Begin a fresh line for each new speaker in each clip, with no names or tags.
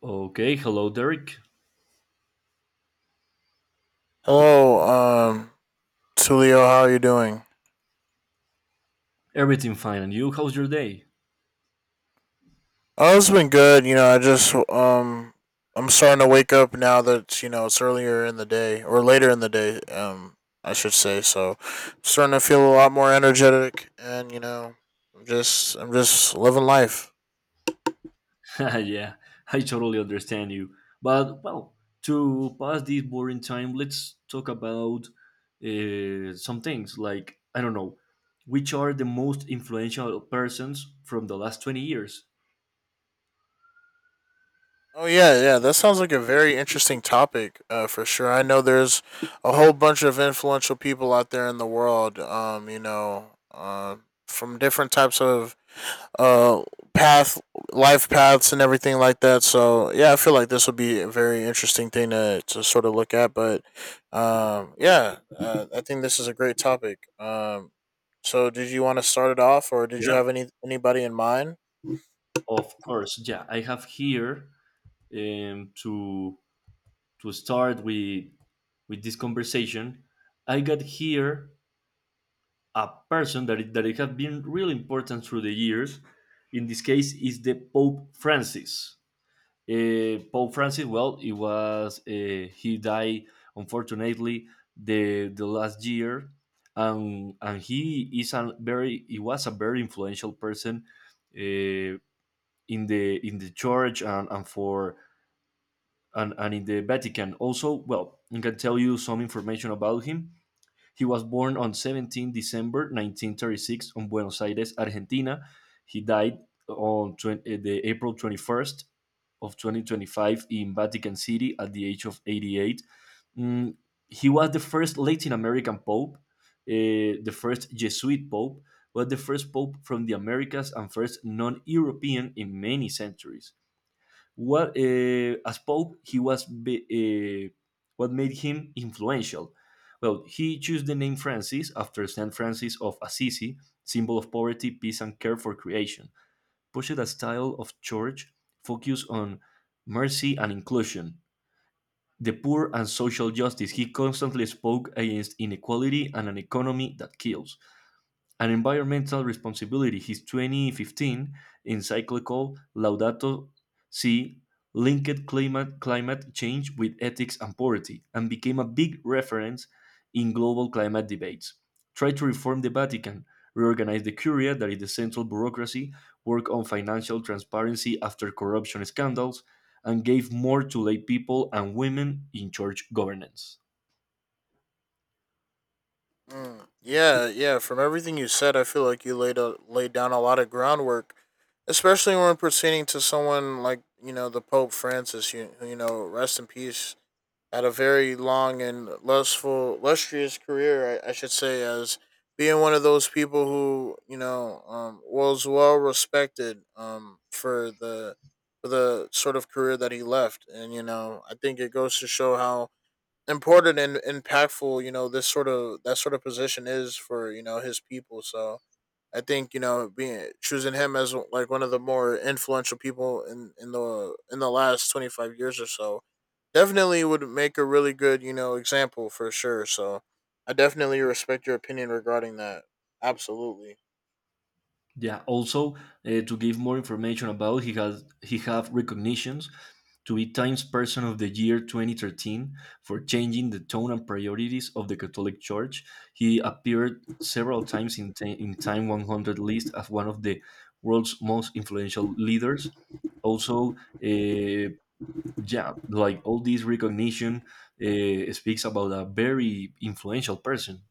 Okay, hello, Derek.
Hello, Tulio, how are you doing?
Everything fine, and you? How's your day?
Oh, it's been good. You know, I just I'm starting to wake up now that you know it's earlier in the day or later in the day. I should say. So, starting to feel a lot more energetic, and you know, I'm just living life.
Yeah, I totally understand you. But, well, to pass this boring time, let's talk about some things like, I don't know, which are the most influential persons from the last 20 years?
Oh yeah, yeah. That sounds like a very interesting topic, for sure. I know there's a whole bunch of influential people out there in the world. You know, from different types of uh path life paths and everything like that. So yeah, I feel like this would be a very interesting thing to sort of look at. But yeah, I think this is a great topic. So did you want to start it off, or did you
Yeah.
have anybody in mind?
Of course, yeah. I have here um, to to start with this conversation. I got here a person that it has been really important through the years. In this case, is the Pope Francis. Pope Francis, well, it was he died unfortunately the last year, and he was a very influential person uh, in the church and, in the Vatican. Also, well, I can tell you some information about him. He was born on 17 December 1936 in Buenos Aires, Argentina. He died on the April 21st of 2025 in Vatican City at the age of 88. Mm, he was the first Latin American pope, the first Jesuit pope, was the first pope from the Americas and first non-European in many centuries. What as Pope, he was be, what made him influential. Well, he chose the name Francis after Saint Francis of Assisi, symbol of poverty, peace, and care for creation. Pushed a style of church focused on mercy and inclusion, the poor, and social justice. He constantly spoke against inequality and an economy that kills and environmental responsibility. His 2015 encyclical Laudato Si linked climate change with ethics and poverty and became a big reference in global climate debates. Tried to reform the Vatican, reorganize the Curia, that is the central bureaucracy, work on financial transparency after corruption scandals, and gave more to lay people and women in church governance.
Mm, yeah, yeah. From everything you said, I feel like you laid laid down a lot of groundwork, especially when proceeding to someone like you know the Pope Francis. You know, rest in peace. Had a very lustrous career, I should say, as being one of those people who you know was well respected for the sort of career that he left. And you know, I think it goes to show how important and impactful you know this sort of that sort of position is for you know his people. So I think you know being choosing him as like one of the more influential people in the in the last 25 years or so definitely would make a really good you know example, for sure. So I definitely respect your opinion regarding that. Absolutely.
Yeah. Also, to give more information about, he have recognitions to be Times Person of the Year 2013 for changing the tone and priorities of the Catholic Church. He appeared several times in Time 100 list as one of the world's most influential leaders. Also, uh, yeah, like all this recognition speaks about a very influential person.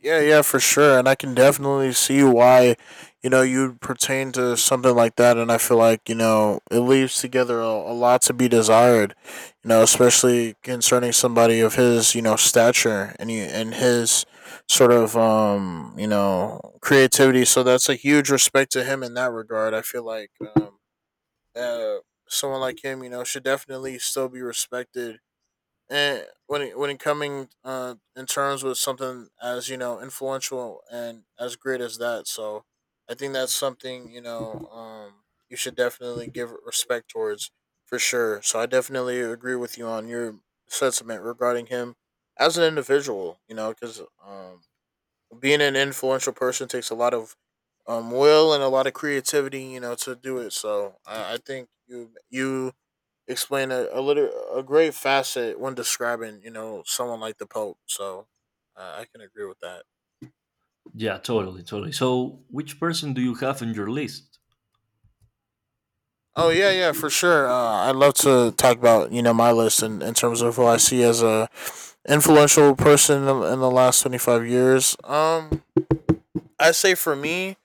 Yeah, yeah, for sure. And I can definitely see why, you know, you pertain to something like that. And I feel like, you know, it leaves together a lot to be desired, you know, especially concerning somebody of his, you know, stature and his sort of, you know, creativity. So that's a huge respect to him in that regard. I feel like um, uh, someone like him, you know, should definitely still be respected. And when it coming in terms with something as you know influential and as great as that. So I think that's something, you know, you should definitely give respect towards, for sure. So I definitely agree with you on your sentiment regarding him as an individual, you know, because being an influential person takes a lot of will and a lot of creativity, you know, to do it. So I think you explain a great facet when describing you know someone like the Pope. So I can agree with that.
Yeah, totally, totally. So, which person do you have on your list?
Oh yeah, yeah, for sure. I'd love to talk about you know my list in terms of who I see as a influential person in in the last 25 years. I say for me,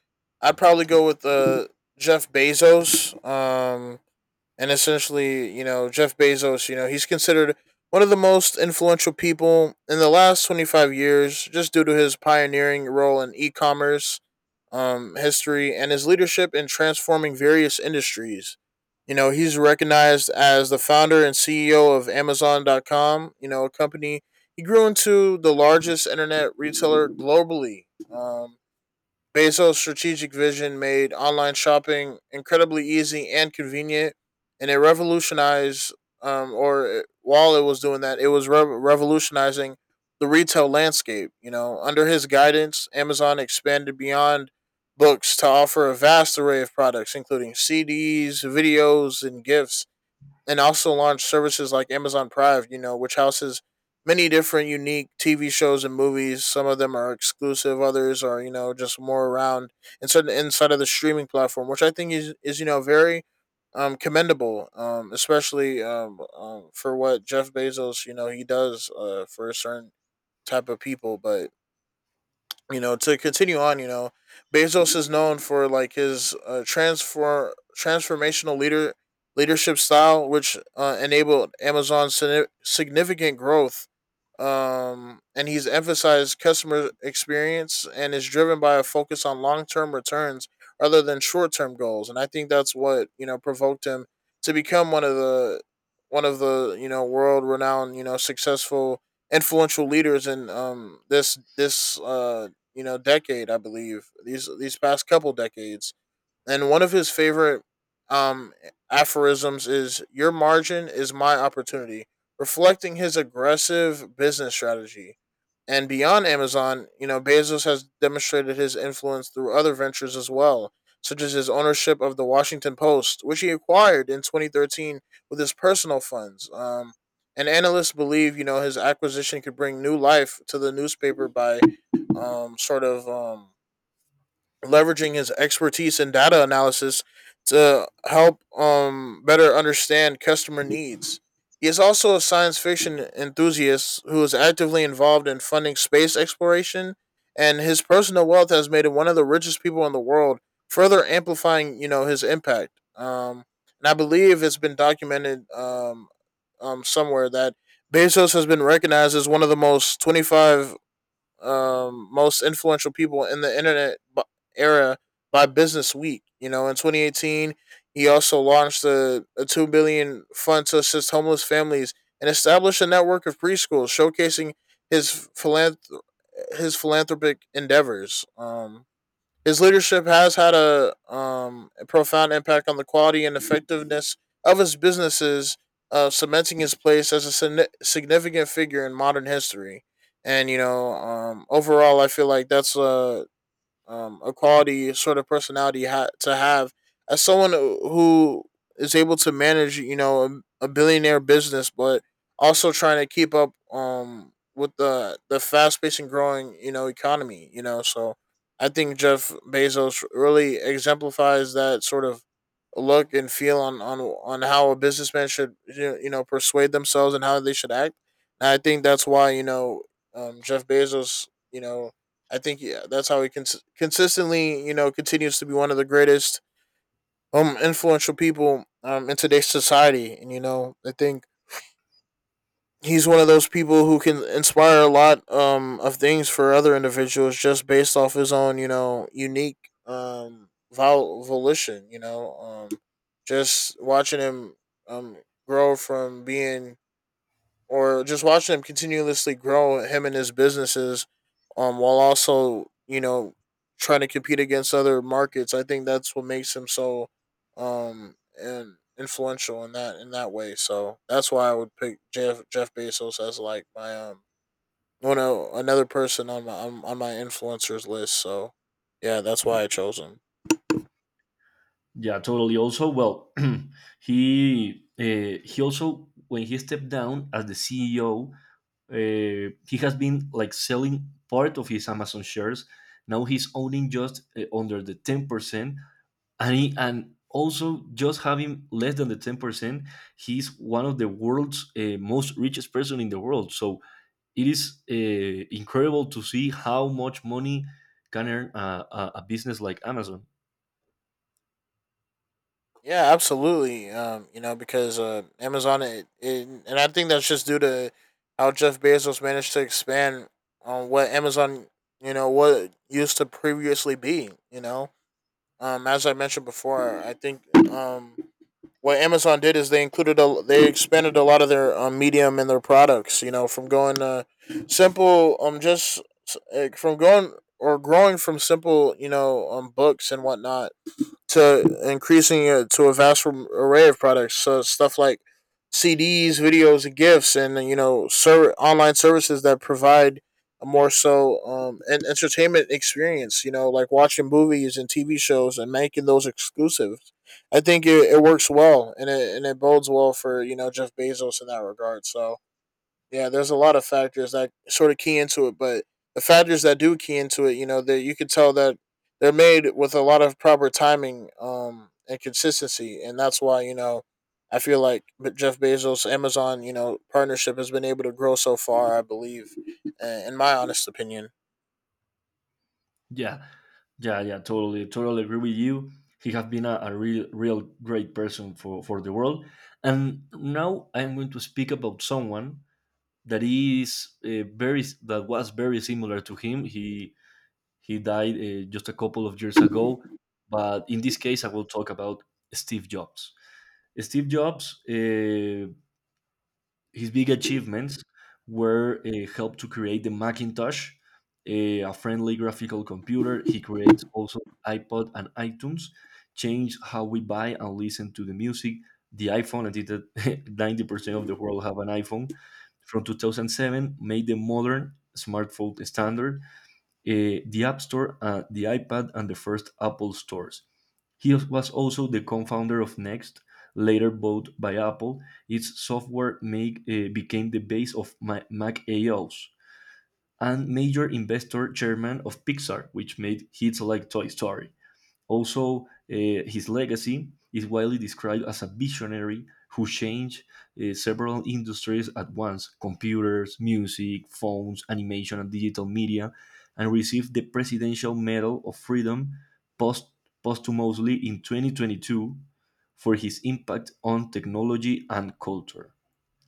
I'd probably go with Jeff Bezos. And essentially, you know, Jeff Bezos, you know, he's considered one of the most influential people in the last 25 years, just due to his pioneering role in e-commerce history and his leadership in transforming various industries. You know, he's recognized as the founder and CEO of Amazon.com, you know, a company he grew into the largest internet retailer globally. Bezos' strategic vision made online shopping incredibly easy and convenient, and it revolutionized. Or while it was doing that, it was revolutionizing the retail landscape. You know, under his guidance, Amazon expanded beyond books to offer a vast array of products, including CDs, videos, and gifts, and also launched services like Amazon Prime, you know, which houses many different unique TV shows and movies. Some of them are exclusive, others are, you know, just more around inside of the streaming platform, which I think is you know very commendable, especially for what Jeff Bezos, you know, he does for a certain type of people. But you know, to continue on, you know, Bezos is known for like his transfer transformational leadership style, which enabled Amazon's significant growth. And he's emphasized customer experience and is driven by a focus on long term returns rather than short term goals. And I think that's what you know provoked him to become one of the you know world renowned, you know, successful influential leaders in this you know decade, I believe these past couple decades. And one of his favorite um, aphorisms is "Your margin is my opportunity," reflecting his aggressive business strategy. And beyond Amazon, you know, Bezos has demonstrated his influence through other ventures as well, such as his ownership of the Washington Post, which he acquired in 2013 with his personal funds. And analysts believe, you know, his acquisition could bring new life to the newspaper by sort of leveraging his expertise in data analysis to help better understand customer needs. He is also a science fiction enthusiast who is actively involved in funding space exploration, and his personal wealth has made him one of the richest people in the world, further amplifying you know his impact. And I believe it's been documented somewhere that Bezos has been recognized as one of the most 25 most influential people in the internet era by Business Week. You know, in 2018, he also launched a $2 billion fund to assist homeless families and established a network of preschools, showcasing his philanth- his philanthropic endeavors. His leadership has had a profound impact on the quality and effectiveness of his businesses, cementing his place as a significant figure in modern history. And you know, overall, I feel like that's a quality sort of personality to have as someone who is able to manage, you know, a billionaire business, but also trying to keep up with the fast paced and growing, you know, economy. You know, so I think Jeff Bezos really exemplifies that sort of look and feel on on how a businessman should you know persuade themselves and how they should act. And I think that's why you know Jeff Bezos, you know, I think yeah, that's how he consistently, you know, continues to be one of the greatest influential people in today's society. And you know, I think he's one of those people who can inspire a lot of things for other individuals, just based off his own, you know, unique volition, you know, just watching him um grow from being or just watching him continuously grow him and his businesses, while also you know trying to compete against other markets. I think that's what makes him so and influential in that way. So that's why I would pick Jeff Bezos as like my one of another person on my on my influencers list. So yeah, that's why I chose him.
Yeah, totally. Also, well, he also when he stepped down as the CEO, he has been like selling part of his Amazon shares. Now he's owning just under the 10%, and also just having less than the 10%, he's one of the world's most richest person in the world. So it is incredible to see how much money can earn a business like Amazon.
Yeah, absolutely. You know, because Amazon, and I think that's just due to how Jeff Bezos managed to expand on what Amazon, you know, what it used to previously be. You know, as I mentioned before, I think um, what Amazon did is they they expanded a lot of their medium and their products. You know, from going simple, just from going or growing from simple, you know, books and whatnot to increasing it to a vast array of products, so stuff like CDs, videos, and gifts, and you know, online services that provide a more so an entertainment experience. You know, like watching movies and TV shows and making those exclusive. I think it works well, and it bodes well for you know Jeff Bezos in that regard. So yeah, there's a lot of factors that sort of key into it, but the factors that do key into it, you know, that you could tell that they're made with a lot of proper timing and consistency, and that's why you know I feel like Jeff Bezos Amazon you know partnership has been able to grow so far. I believe, in my honest opinion.
Yeah, yeah, yeah. Totally, totally agree with you. He has been a real, real great person for the world. And now I am going to speak about someone that was very similar to him. He died just a couple of years ago, but in this case, I will talk about Steve Jobs. Steve Jobs. His big achievements were help to create the Macintosh, a friendly graphical computer. He creates also iPod and iTunes, changed how we buy and listen to the music. The iPhone, I think 90% of the world have an iPhone. From 2007, made the modern smartphone standard, the App Store, the iPad, and the first Apple stores. He was also the co-founder of Next, later bought by Apple. Its software became the base of Mac A OS, and major investor chairman of Pixar, which made hits like Toy Story. Also, his legacy is widely described as a visionary who changed several industries at once: computers, music, phones, animation, and digital media, and received the Presidential Medal of Freedom post- posthumously in 2022 for his impact on technology and culture.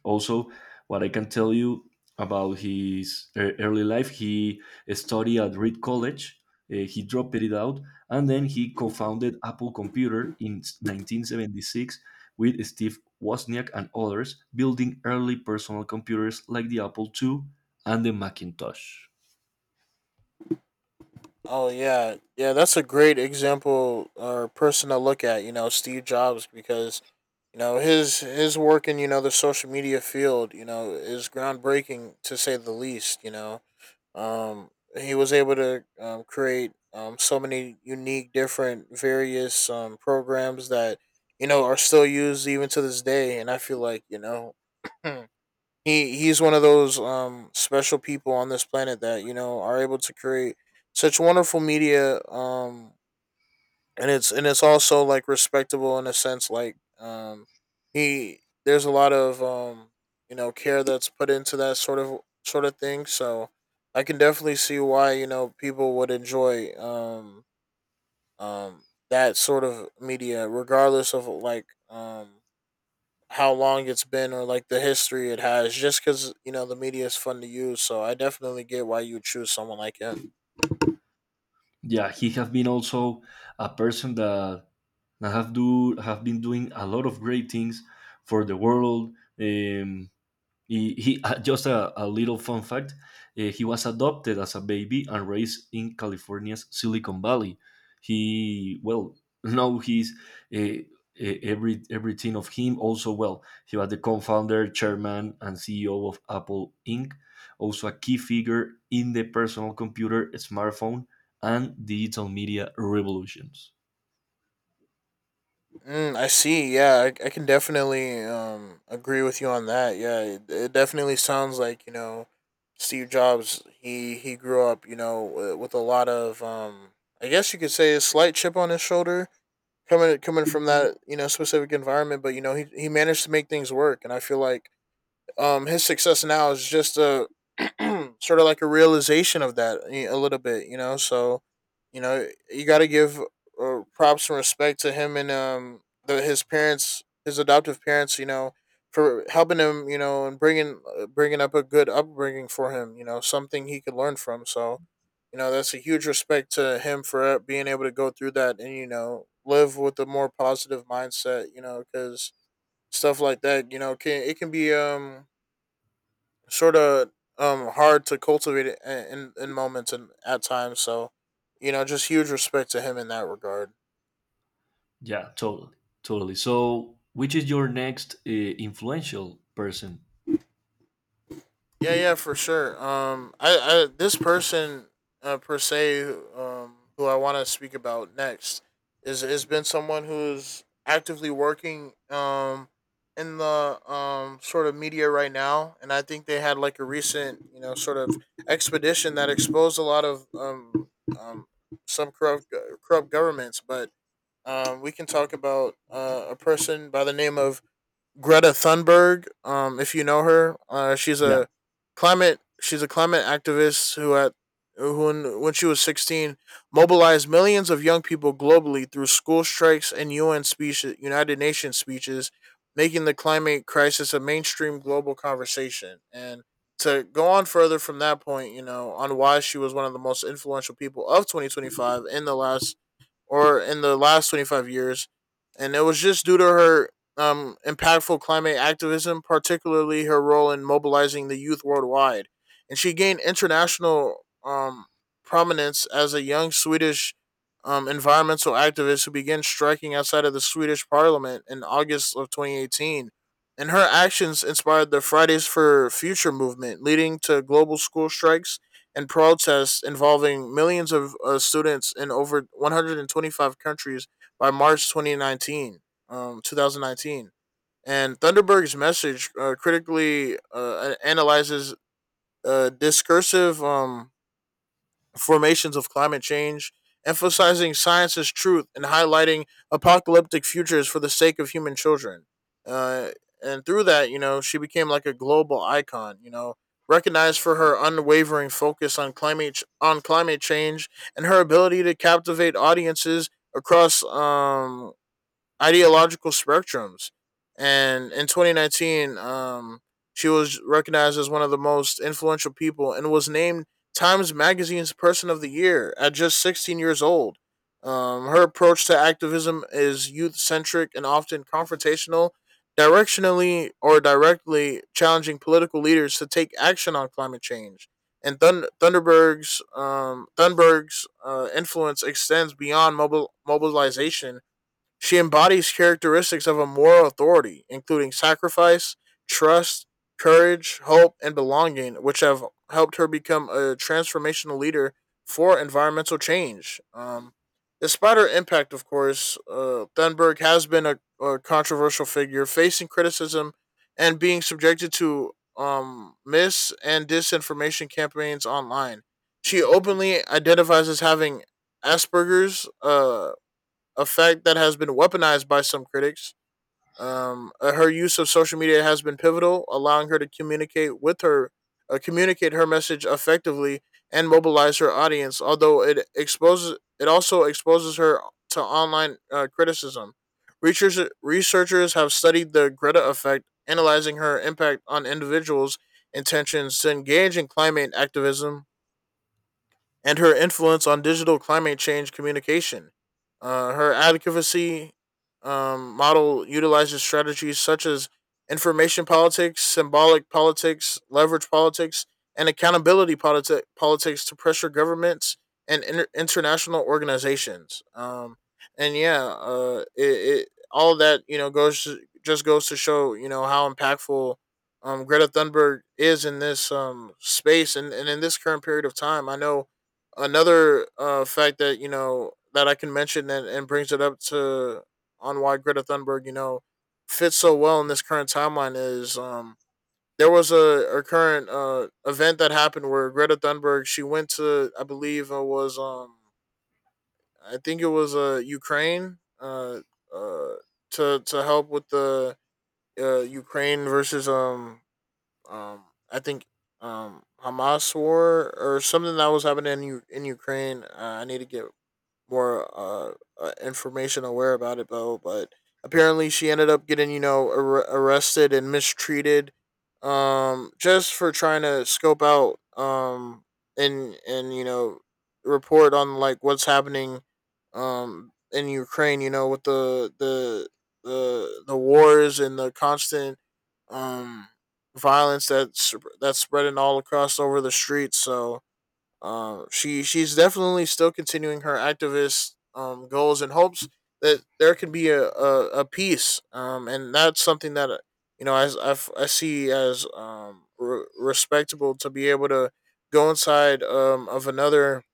Also, what I can tell you about his early life, he studied at Reed College. He dropped it out, and then he co-founded Apple Computer in 1976 with Steve Wozniak and others, building early personal computers like the Apple II and the Macintosh.
Oh yeah, yeah, that's a great example or person to look at. Steve Jobs, because you know, his work in the social media field is groundbreaking to say the least um he was able to create so many unique different various programs that you know are still used even to this day. And I feel like he's one of those special people on this planet that you know are able to create such wonderful media, um, and it's also like respectable in a sense, like, he there's a lot of um, you know, care that's put into that sort of thing. So I can definitely see why you know people would enjoy um that sort of media regardless of like how long it's been or like the history it has, just because you know the media is fun to use. So I definitely get why you would choose someone like him.
Yeah, he have been also a person that have been doing a lot of great things for the world. Um, he just a little fun fact. He was adopted as a baby and raised in California's Silicon Valley. He, well, now he's uh, uh, everything of him also, well. He was the co-founder, chairman, and CEO of Apple Inc. Also a key figure in the personal computer, smartphone, and digital media revolutions.
Mm, I see. Yeah, I can definitely agree with you on that. Yeah, it definitely sounds like Steve Jobs. He grew up, you know, with a lot of. I guess you could say a slight chip on his shoulder, coming from that you know specific environment, but you know he managed to make things work. And I feel like his success now is just a sort of like a realization of that a little bit, you know. So, you know, you got to give props and respect to him, and his parents, his adoptive parents, you know, for helping him, you know, and bringing up a good upbringing for him, you know, something he could learn from. So, you know, that's a huge respect to him for being able to go through that and you know live with a more positive mindset, you know, because stuff like that, you know, can it can be sort of hard to cultivate it in moments and at times. So, you know, just huge respect to him in that regard.
Yeah, totally, totally. So, which is your next influential person?
Yeah, yeah, for sure. I this person per se, who I want to speak about next is has been someone who's actively working in the sort of media right now. And I think they had like a recent you know sort of expedition that exposed a lot of um some corrupt corrupt governments. But we can talk about a person by the name of Greta Thunberg. If you know her, she's
Yeah.
a climate activist who when she was 16, mobilized millions of young people globally through school strikes and UN speeches, United Nations speeches, making the climate crisis a mainstream global conversation. And to go on further from that point, you know, on why she was one of the most influential people of 2025 in the last 25 years, and it was just due to her impactful climate activism, particularly her role in mobilizing the youth worldwide. And she gained international prominence as a young Swedish environmental activist who began striking outside of the Swedish parliament in August of 2018. And her actions inspired the Fridays for Future movement, leading to global school strikes and protests involving millions of students in over 125 countries by March 2019, um, 2019. And Thunderberg's message critically analyzes discursive formations of climate change, emphasizing science's truth and highlighting apocalyptic futures for the sake of human children. Uh, and through that, you know, she became like a global icon, you know, recognized for her unwavering focus on climate change and her ability to captivate audiences across ideological spectrums. And in 2019, she was recognized as one of the most influential people and was named Times Magazine's Person of the Year at just 16 years old. Her approach to activism is youth centric and often confrontational, directionally or directly challenging political leaders to take action on climate change. And Thun- Thunderberg's Thunberg's influence extends beyond mobilization. She embodies characteristics of a moral authority, including sacrifice, trust, courage, hope, and belonging, which have helped her become a transformational leader for environmental change. Despite her impact, of course, Thunberg has been a controversial figure, facing criticism and being subjected to mis and disinformation campaigns online. She openly identifies as having Asperger's, a fact that has been weaponized by some critics. Her use of social media has been pivotal, allowing her to communicate her message effectively, and mobilize her audience. Although it also exposes her to online criticism. Researchers have studied the Greta effect, analyzing her impact on individuals' intentions to engage in climate activism and her influence on digital climate change communication. Her advocacy model utilizes strategies such as information politics, symbolic politics, leverage politics, and accountability politics to pressure governments and international organizations. And yeah, it all that you know just goes to show you know how impactful Greta Thunberg is in this space, and in this current period of time. I know another fact that you know that I can mention and brings it up to on why Greta Thunberg you know fits so well in this current timeline is there was a current event that happened where Greta Thunberg she went to, I believe it was I think it was Ukraine, uh, to help with the Ukraine versus um I think Hamas war, or something that was happening in in Ukraine. I need to get more information aware about it though. But apparently she ended up getting you know arrested and mistreated just for trying to scope out um, and you know report on like what's happening in Ukraine, you know, with the wars and the constant um violence that's spreading all across over the streets. So she's definitely still continuing her activist goals and hopes that there can be a peace. And that's something that you know as I see as respectable to be able to go inside of another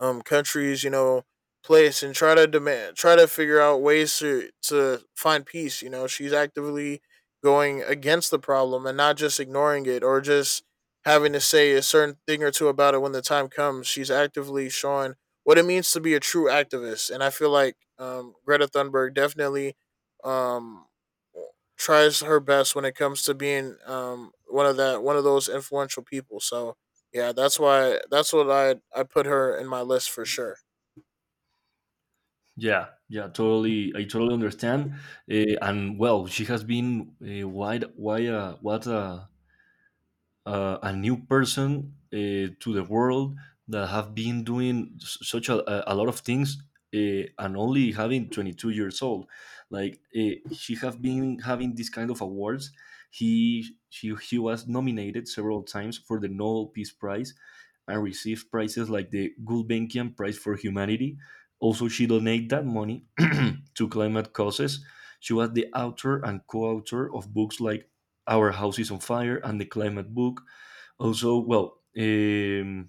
countries, you know, place, and try to demand, try to figure out ways to find peace, you know. She's actively going against the problem and not just ignoring it, or just having to say a certain thing or two about it when the time comes. She's actively showing what it means to be a true activist. And I feel like Greta Thunberg definitely um tries her best when it comes to being one of those influential people. So yeah, that's why that's what I put her in my list for sure.
Yeah, yeah, totally. I totally understand. And well, she has been why, what a new person to the world that have been doing such a lot of things and only having 22 years old. Like she have been having this kind of awards. He she was nominated several times for the Nobel Peace Prize and received prizes like the Gulbenkian Prize for Humanity. Also, she donated that money to climate causes. She was the author and co author of books like Our House is on Fire and The Climate Book. Also, well,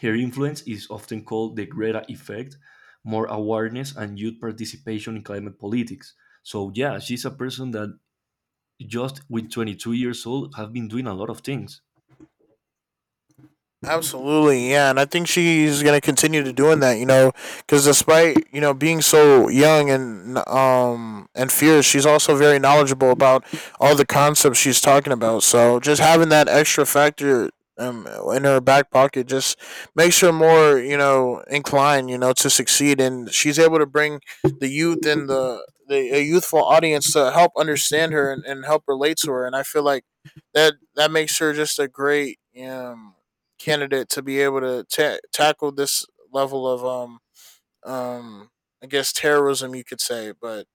her influence is often called the Greta effect, more awareness and youth participation in climate politics. So yeah, she's a person that just with 22 years old have been doing a lot of things.
Absolutely, yeah, and I think she's gonna continue to doing that, you know, because despite you know being so young and fierce, she's also very knowledgeable about all the concepts she's talking about. So just having that extra factor um in her back pocket just makes her more you know inclined you know to succeed. And she's able to bring the youth and the a youthful audience to help understand her, and help relate to her. And I feel like that makes her just a great um candidate to be able to tackle this level of um I guess terrorism you could say. But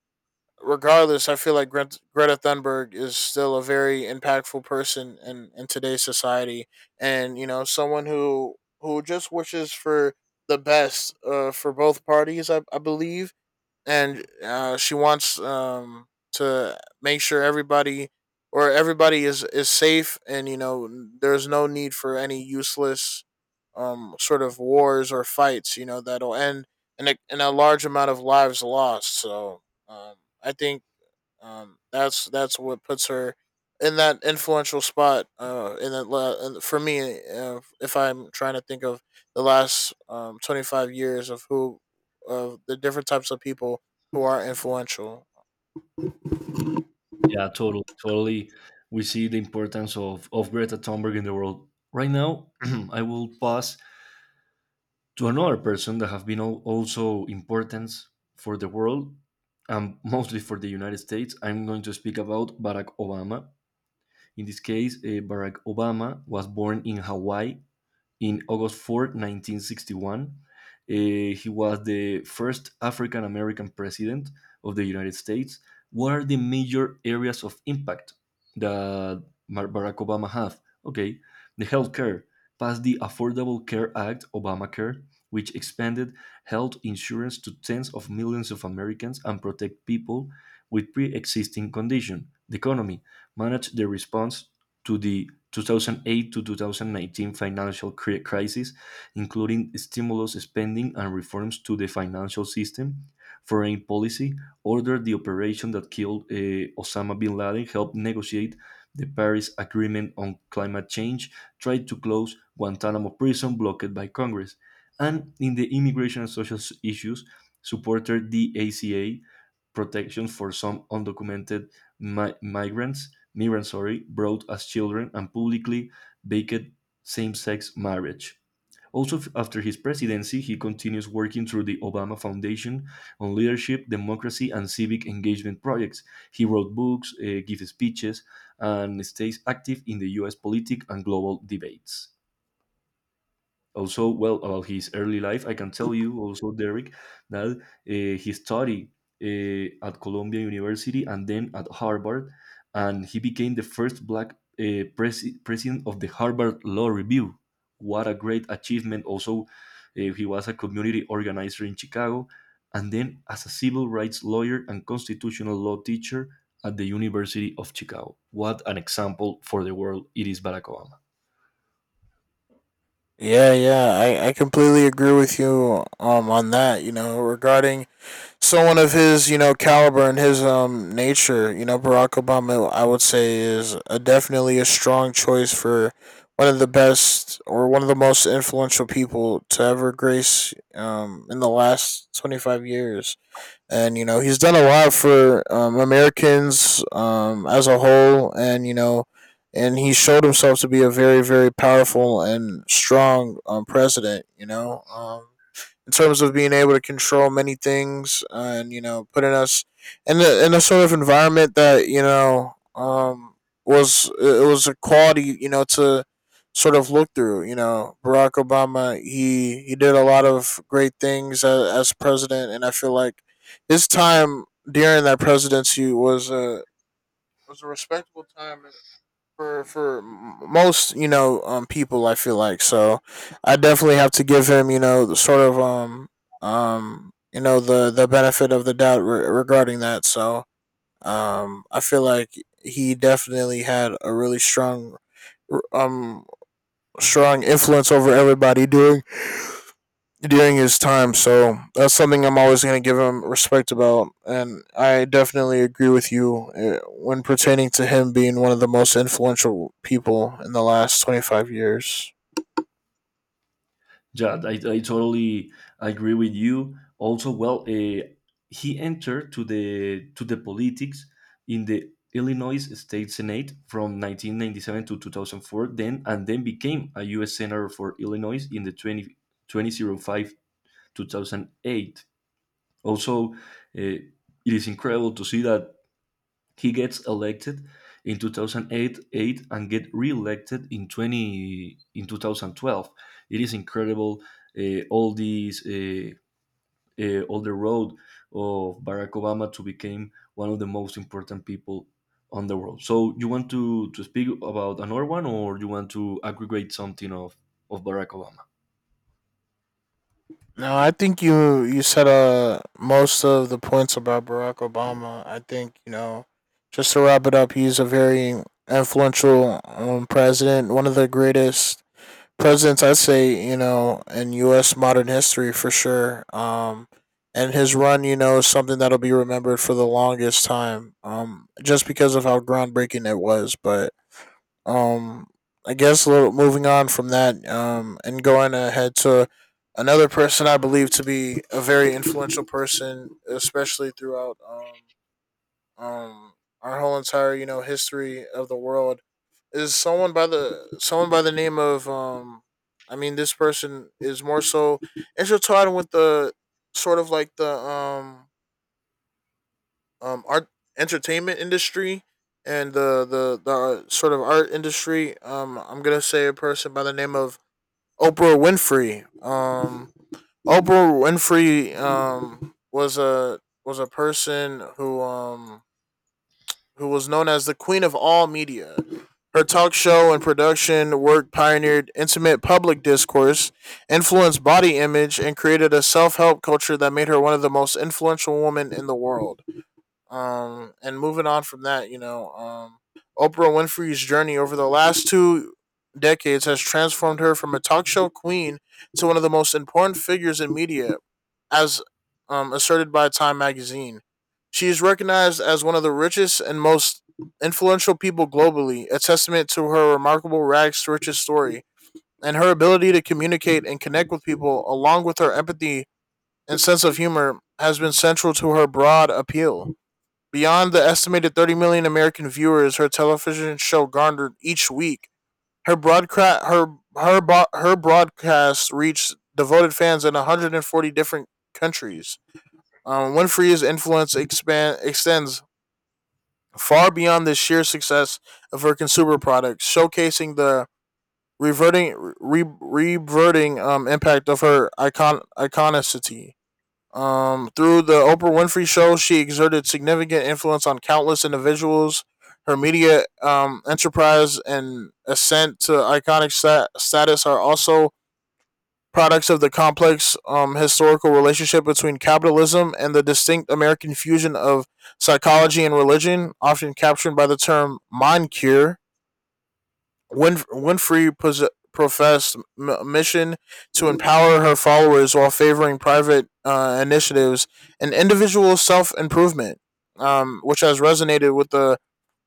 regardless, I feel like Greta Thunberg is still a very impactful person in today's society, and you know someone who just wishes for the best for both parties, I believe. And she wants to make sure everybody is safe, and you know there's no need for any useless sort of wars or fights. You know that'll end in in a large amount of lives lost. So um, I think that's what puts her in that influential spot. In that la- and for me, if I'm trying to think of the last 25 years of who of the different types of people who are influential.
Yeah, totally, totally. We see the importance of Greta Thunberg in the world. Right now, I will pass to another person that have been also important for the world, and mostly for the United States. I'm going to speak about Barack Obama. In this case, Barack Obama was born in Hawaii in August 4, 1961. He was the first African American president of the United States. What are the major areas of impact that Barack Obama have? Okay, the healthcare passed the Affordable Care Act, Obamacare, which expanded health insurance to tens of millions of Americans and protect people with pre-existing condition. The economy managed the response to the 2008 to 2019 financial crisis, including stimulus spending and reforms to the financial system. Foreign policy: ordered the operation that killed Osama bin Laden, helped negotiate the Paris Agreement on climate change, tried to close Guantanamo prison blocked by Congress. And in the immigration and social issues, supported the ACA protection for some undocumented migrants, sorry, brought as children, and publicly backed same-sex marriage. Also, after his presidency, he continues working through the Obama Foundation on leadership, democracy, and civic engagement projects. He wrote books, gives speeches, and stays active in the US politic and global debates. Also, well, about his early life, I can tell you also, Derek, that he studied at Columbia University and then at Harvard, and he became the first black president of the Harvard Law Review. What a great achievement! Also, he was a community organizer in Chicago, and then as a civil rights lawyer and constitutional law teacher at the University of Chicago. What an example for the world it is, Barack Obama.
Yeah, yeah, I completely agree with you on that. You know, regarding someone of his you know caliber and his nature, you know Barack Obama, I would say is definitely a strong choice for one of the best or one of the most influential people to ever grace in the last 25. And you know he's done a lot for Americans as a whole. And you know, and he showed himself to be a very very powerful and strong president. In terms of being able to control many things, and putting us in in a sort of environment that was it was a quality to sort of look through. Barack Obama, he did a lot of great things as president, and I feel like his time during that presidency was a respectable time for most people. I feel like, so I definitely have to give him the sort of the benefit of the doubt regarding that. So I feel like he definitely had a really strong um strong influence over everybody during his time. So that's something I'm always going to give him respect about. And I definitely agree with you when pertaining to him being one of the most influential people in the last 25 years.
Yeah, I totally agree with you. Also, well, he entered to the politics in the Illinois State Senate from 1997 to 2004, then and then became a U.S. senator for Illinois in the twenty twenty zero five 2008. Also, it is incredible to see that he gets elected in 2008 eight, eight and get re-elected in 20 in 2012. It is incredible, uh, all these uh, all the road of Barack Obama to become one of the most important people on the world. So you want to speak about another one, or you want to aggregate something of Barack Obama?
No, I think you said most of the points about Barack Obama. I think just to wrap it up, he's a very influential president, one of the greatest presidents I'd say in U.S. modern history for sure. And his run, is something that'll be remembered for the longest time. Just because of how groundbreaking it was, but um, I guess a little moving on from that, and going ahead to another person I believe to be a very influential person, especially throughout um, our whole entire history of the world, is someone by the name of I mean this person is more so intertwined with the sort of like the art entertainment industry and the sort of art industry. I'm gonna say a person by the name of Oprah Winfrey. Oprah Winfrey was a person who was known as the queen of all media. Her talk show and production work pioneered intimate public discourse, influenced body image, and created a self help culture that made her one of the most influential women in the world. And moving on from that, Oprah Winfrey's journey over the last 2 decades has transformed her from a talk show queen to one of the most important figures in media, as asserted by Time magazine. She is recognized as one of the richest and most influential people globally, a testament to her remarkable rags to riches story, and her ability to communicate and connect with people, along with her empathy and sense of humor, has been central to her broad appeal. Beyond the estimated 30 million American viewers her television show garnered each week, her broadcast her her bo- her broadcast reached devoted fans in 140 different countries. Winfrey's influence expand extends far beyond the sheer success of her consumer products, showcasing the reverting reverting impact of her iconicity. Through the Oprah Winfrey Show, she exerted significant influence on countless individuals. Her media enterprise and ascent to iconic status are also products of the complex historical relationship between capitalism and the distinct American fusion of psychology and religion, often captured by the term mind cure. Winfrey professed mission to empower her followers while favoring private initiatives and individual self improvement, which has resonated with the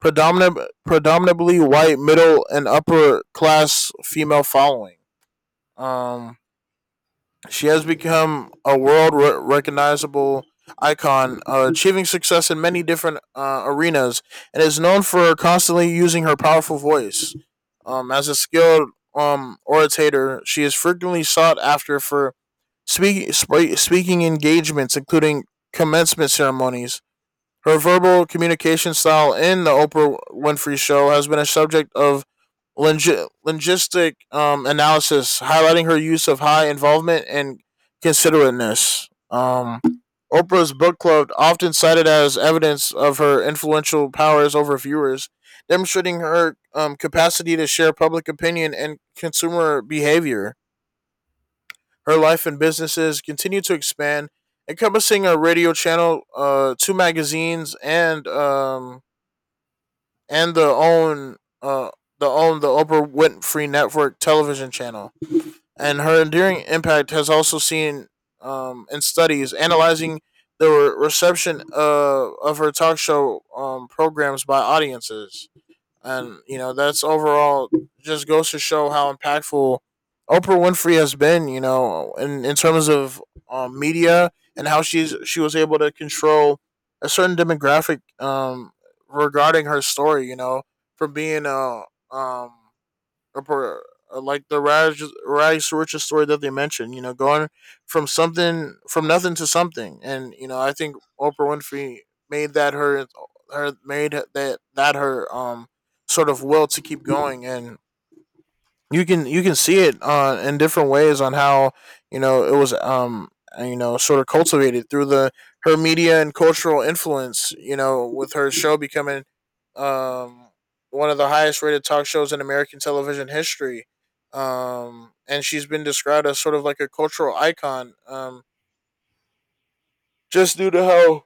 predominant, predominantly white middle and upper class female following. Um, she has become a world recognizable icon, achieving success in many different arenas, and is known for constantly using her powerful voice. As a skilled orator, she is frequently sought after for speaking engagements, including commencement ceremonies. Her verbal communication style in the Oprah Winfrey Show has been a subject of linguistic analysis, highlighting her use of high involvement and considerateness. Oprah's book club, often cited as evidence of her influential powers over viewers, demonstrating her capacity to share public opinion and consumer behavior. Her life and businesses continue to expand, encompassing a radio channel, two magazines, and uh, the Oprah Winfrey Network television channel. And her enduring impact has also seen in studies analyzing the reception of her talk show programs by audiences. And, that's overall just goes to show how impactful Oprah Winfrey has been, in terms of media, and how she was able to control a certain demographic regarding her story, from being um, a per- like the Raj Rice Riches story that they mentioned, going from something from nothing to something, and I think Oprah Winfrey made that her made that her sort of will to keep going, and you can see it in different ways on how it was sort of cultivated through the her media and cultural influence with her show becoming um one of the highest rated talk shows in American television history, and she's been described as sort of like a cultural icon, just due to how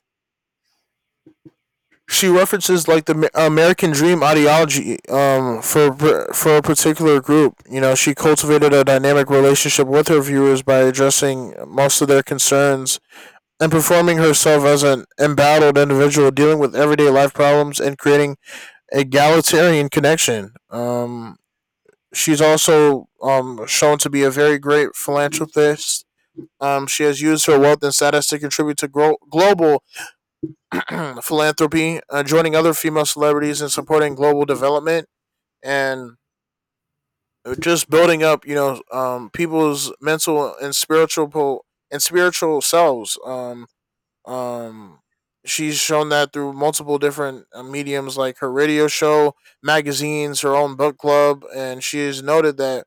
she references like the American Dream ideology for a particular group. She cultivated a dynamic relationship with her viewers by addressing most of their concerns and performing herself as an embattled individual dealing with everyday life problems and creating an egalitarian connection. She's also shown to be a very great philanthropist. She has used her wealth and status to contribute to global philanthropy, joining other female celebrities and supporting global development, and just building up, people's mental and spiritual selves. Um, she's shown that through multiple different mediums, like her radio show, magazines, her own book club, and she has noted that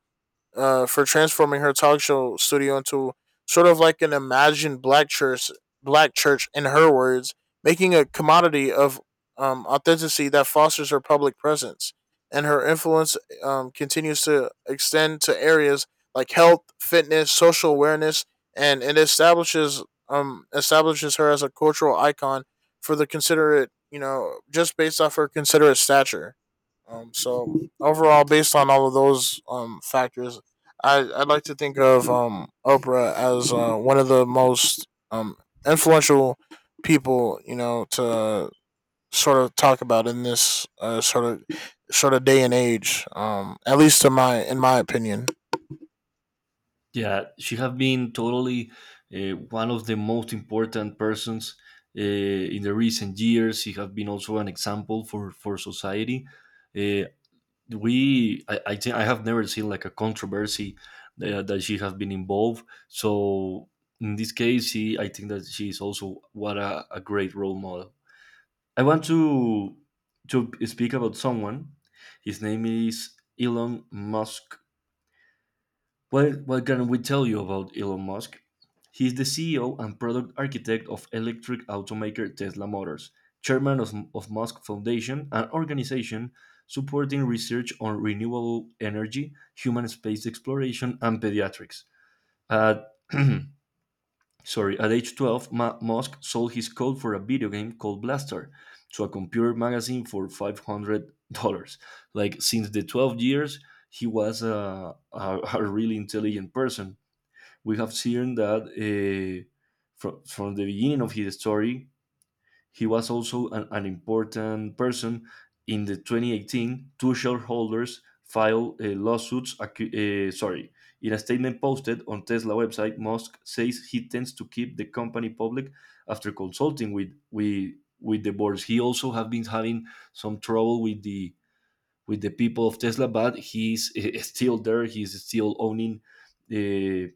for transforming her talk show studio into sort of like an imagined black church in her words, making a commodity of authenticity that fosters her public presence. And her influence continues to extend to areas like health, fitness, social awareness, and it establishes her as a cultural icon for the considerate, just based off her considerate stature. So overall, based on all of those factors, I like to think of Oprah as one of the most influential people to sort of talk about in this sort of day and age. At least in my opinion.
Yeah, she have been totally one of the most important persons in the recent years. She have been also an example for society. Uh, I think I have never seen like a controversy that she have been involved. So in this case, I think that she is also what a great role model. I want to speak about someone. His name is Elon Musk. Well, what can we tell you about Elon Musk? He is the CEO and product architect of electric automaker Tesla Motors, chairman of Musk Foundation, an organization supporting research on renewable energy, human space exploration, and pediatrics. At, sorry, at age 12, Musk sold his code for a video game called Blaster to a computer magazine for $500. Like, since the 12 years, he was a really intelligent person. We have seen that from the beginning of his story, he was also an important person. In the 2018, two shareholders filed lawsuits, sorry. In a statement posted on Tesla website, Musk says he tends to keep the company public after consulting with the boards. He also have been having some trouble with the people of Tesla, but he's still there. He's still owning uh,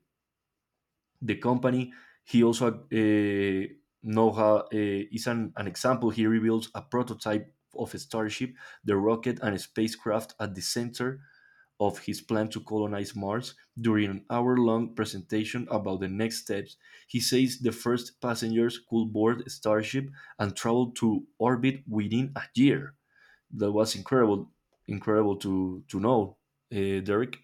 the company. He also know how is an example. He reveals a prototype of a starship, the rocket, and a spacecraft at the center of his plan to colonize Mars during an hour long presentation about the next steps. He says the first passengers could board a Starship and travel to orbit within a year. That was incredible, incredible to know, Derek.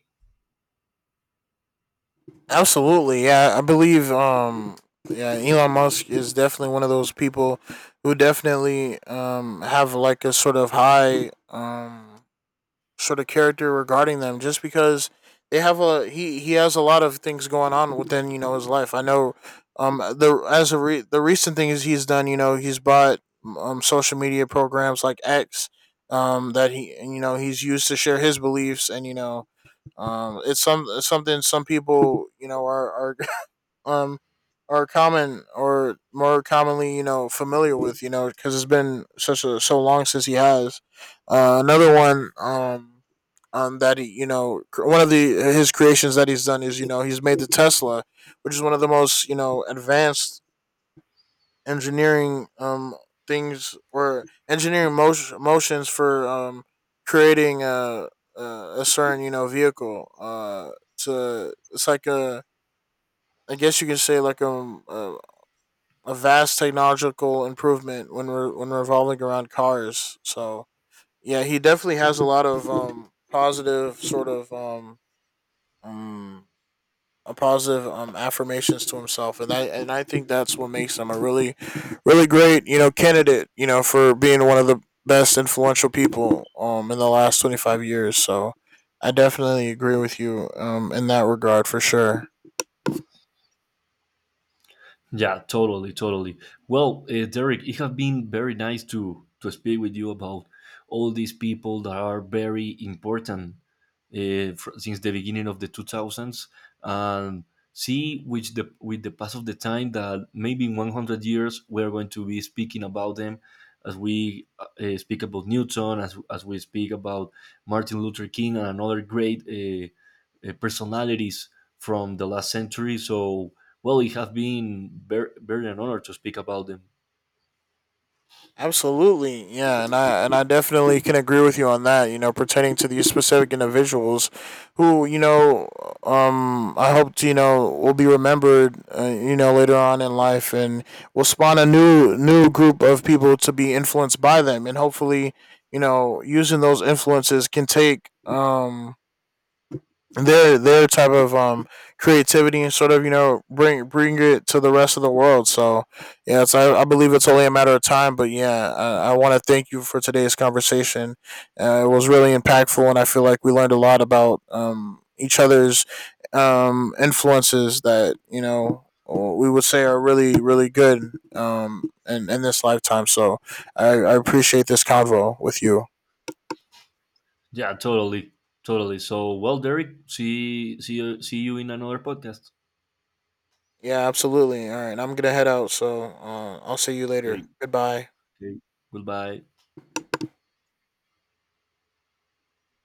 Absolutely, yeah. I believe, yeah, Elon Musk is definitely one of those people who definitely have like a sort of high sort of character regarding them, just because they have a he has a lot of things going on within his life. I know, the as a re- the recent thing is he's done, he's bought social media programs like X, that he he's used to share his beliefs, and it's something some people are um are common or more commonly familiar with, because it's been such a so long since he has. Another one that he one of the his creations that he's done is, he's made the Tesla, which is one of the most advanced engineering things, or engineering motions for creating a, a certain vehicle to, it's like a I guess you can say like a vast technological improvement when revolving around cars. So yeah, he definitely has a lot of positive sort of, um a positive affirmations to himself, and I think that's what makes him a really, really great candidate for being one of the best influential people in the last 25 years. So I definitely agree with you in that regard for sure.
Yeah, totally, totally. Well, Derek, it has been very nice to speak with you about all these people that are very important, since the beginning of the 2000s, and see which the with the pass of the time that maybe in 100 years we're going to be speaking about them as we speak about Newton, as we speak about Martin Luther King and another great personalities from the last century. So well, it has been very, very an honor to speak about them.
Absolutely, yeah, and I definitely can agree with you on that. Pertaining to these specific individuals, who, I hope, will be remembered. Later on in life, and will spawn a new group of people to be influenced by them, and hopefully, using those influences can take their type of creativity and sort of bring it to the rest of the world. So yeah, I believe it's only a matter of time. But yeah, I want to thank you for today's conversation. It was really impactful, and I feel like we learned a lot about each other's influences that, we would say are really really good, in this lifetime. So I appreciate this convo with you.
Yeah, totally, totally. So, well, Derek, see you in another podcast.
Yeah, absolutely. All right, I'm gonna head out, so I'll see you
Okay.
later. Goodbye.
Okay. Goodbye.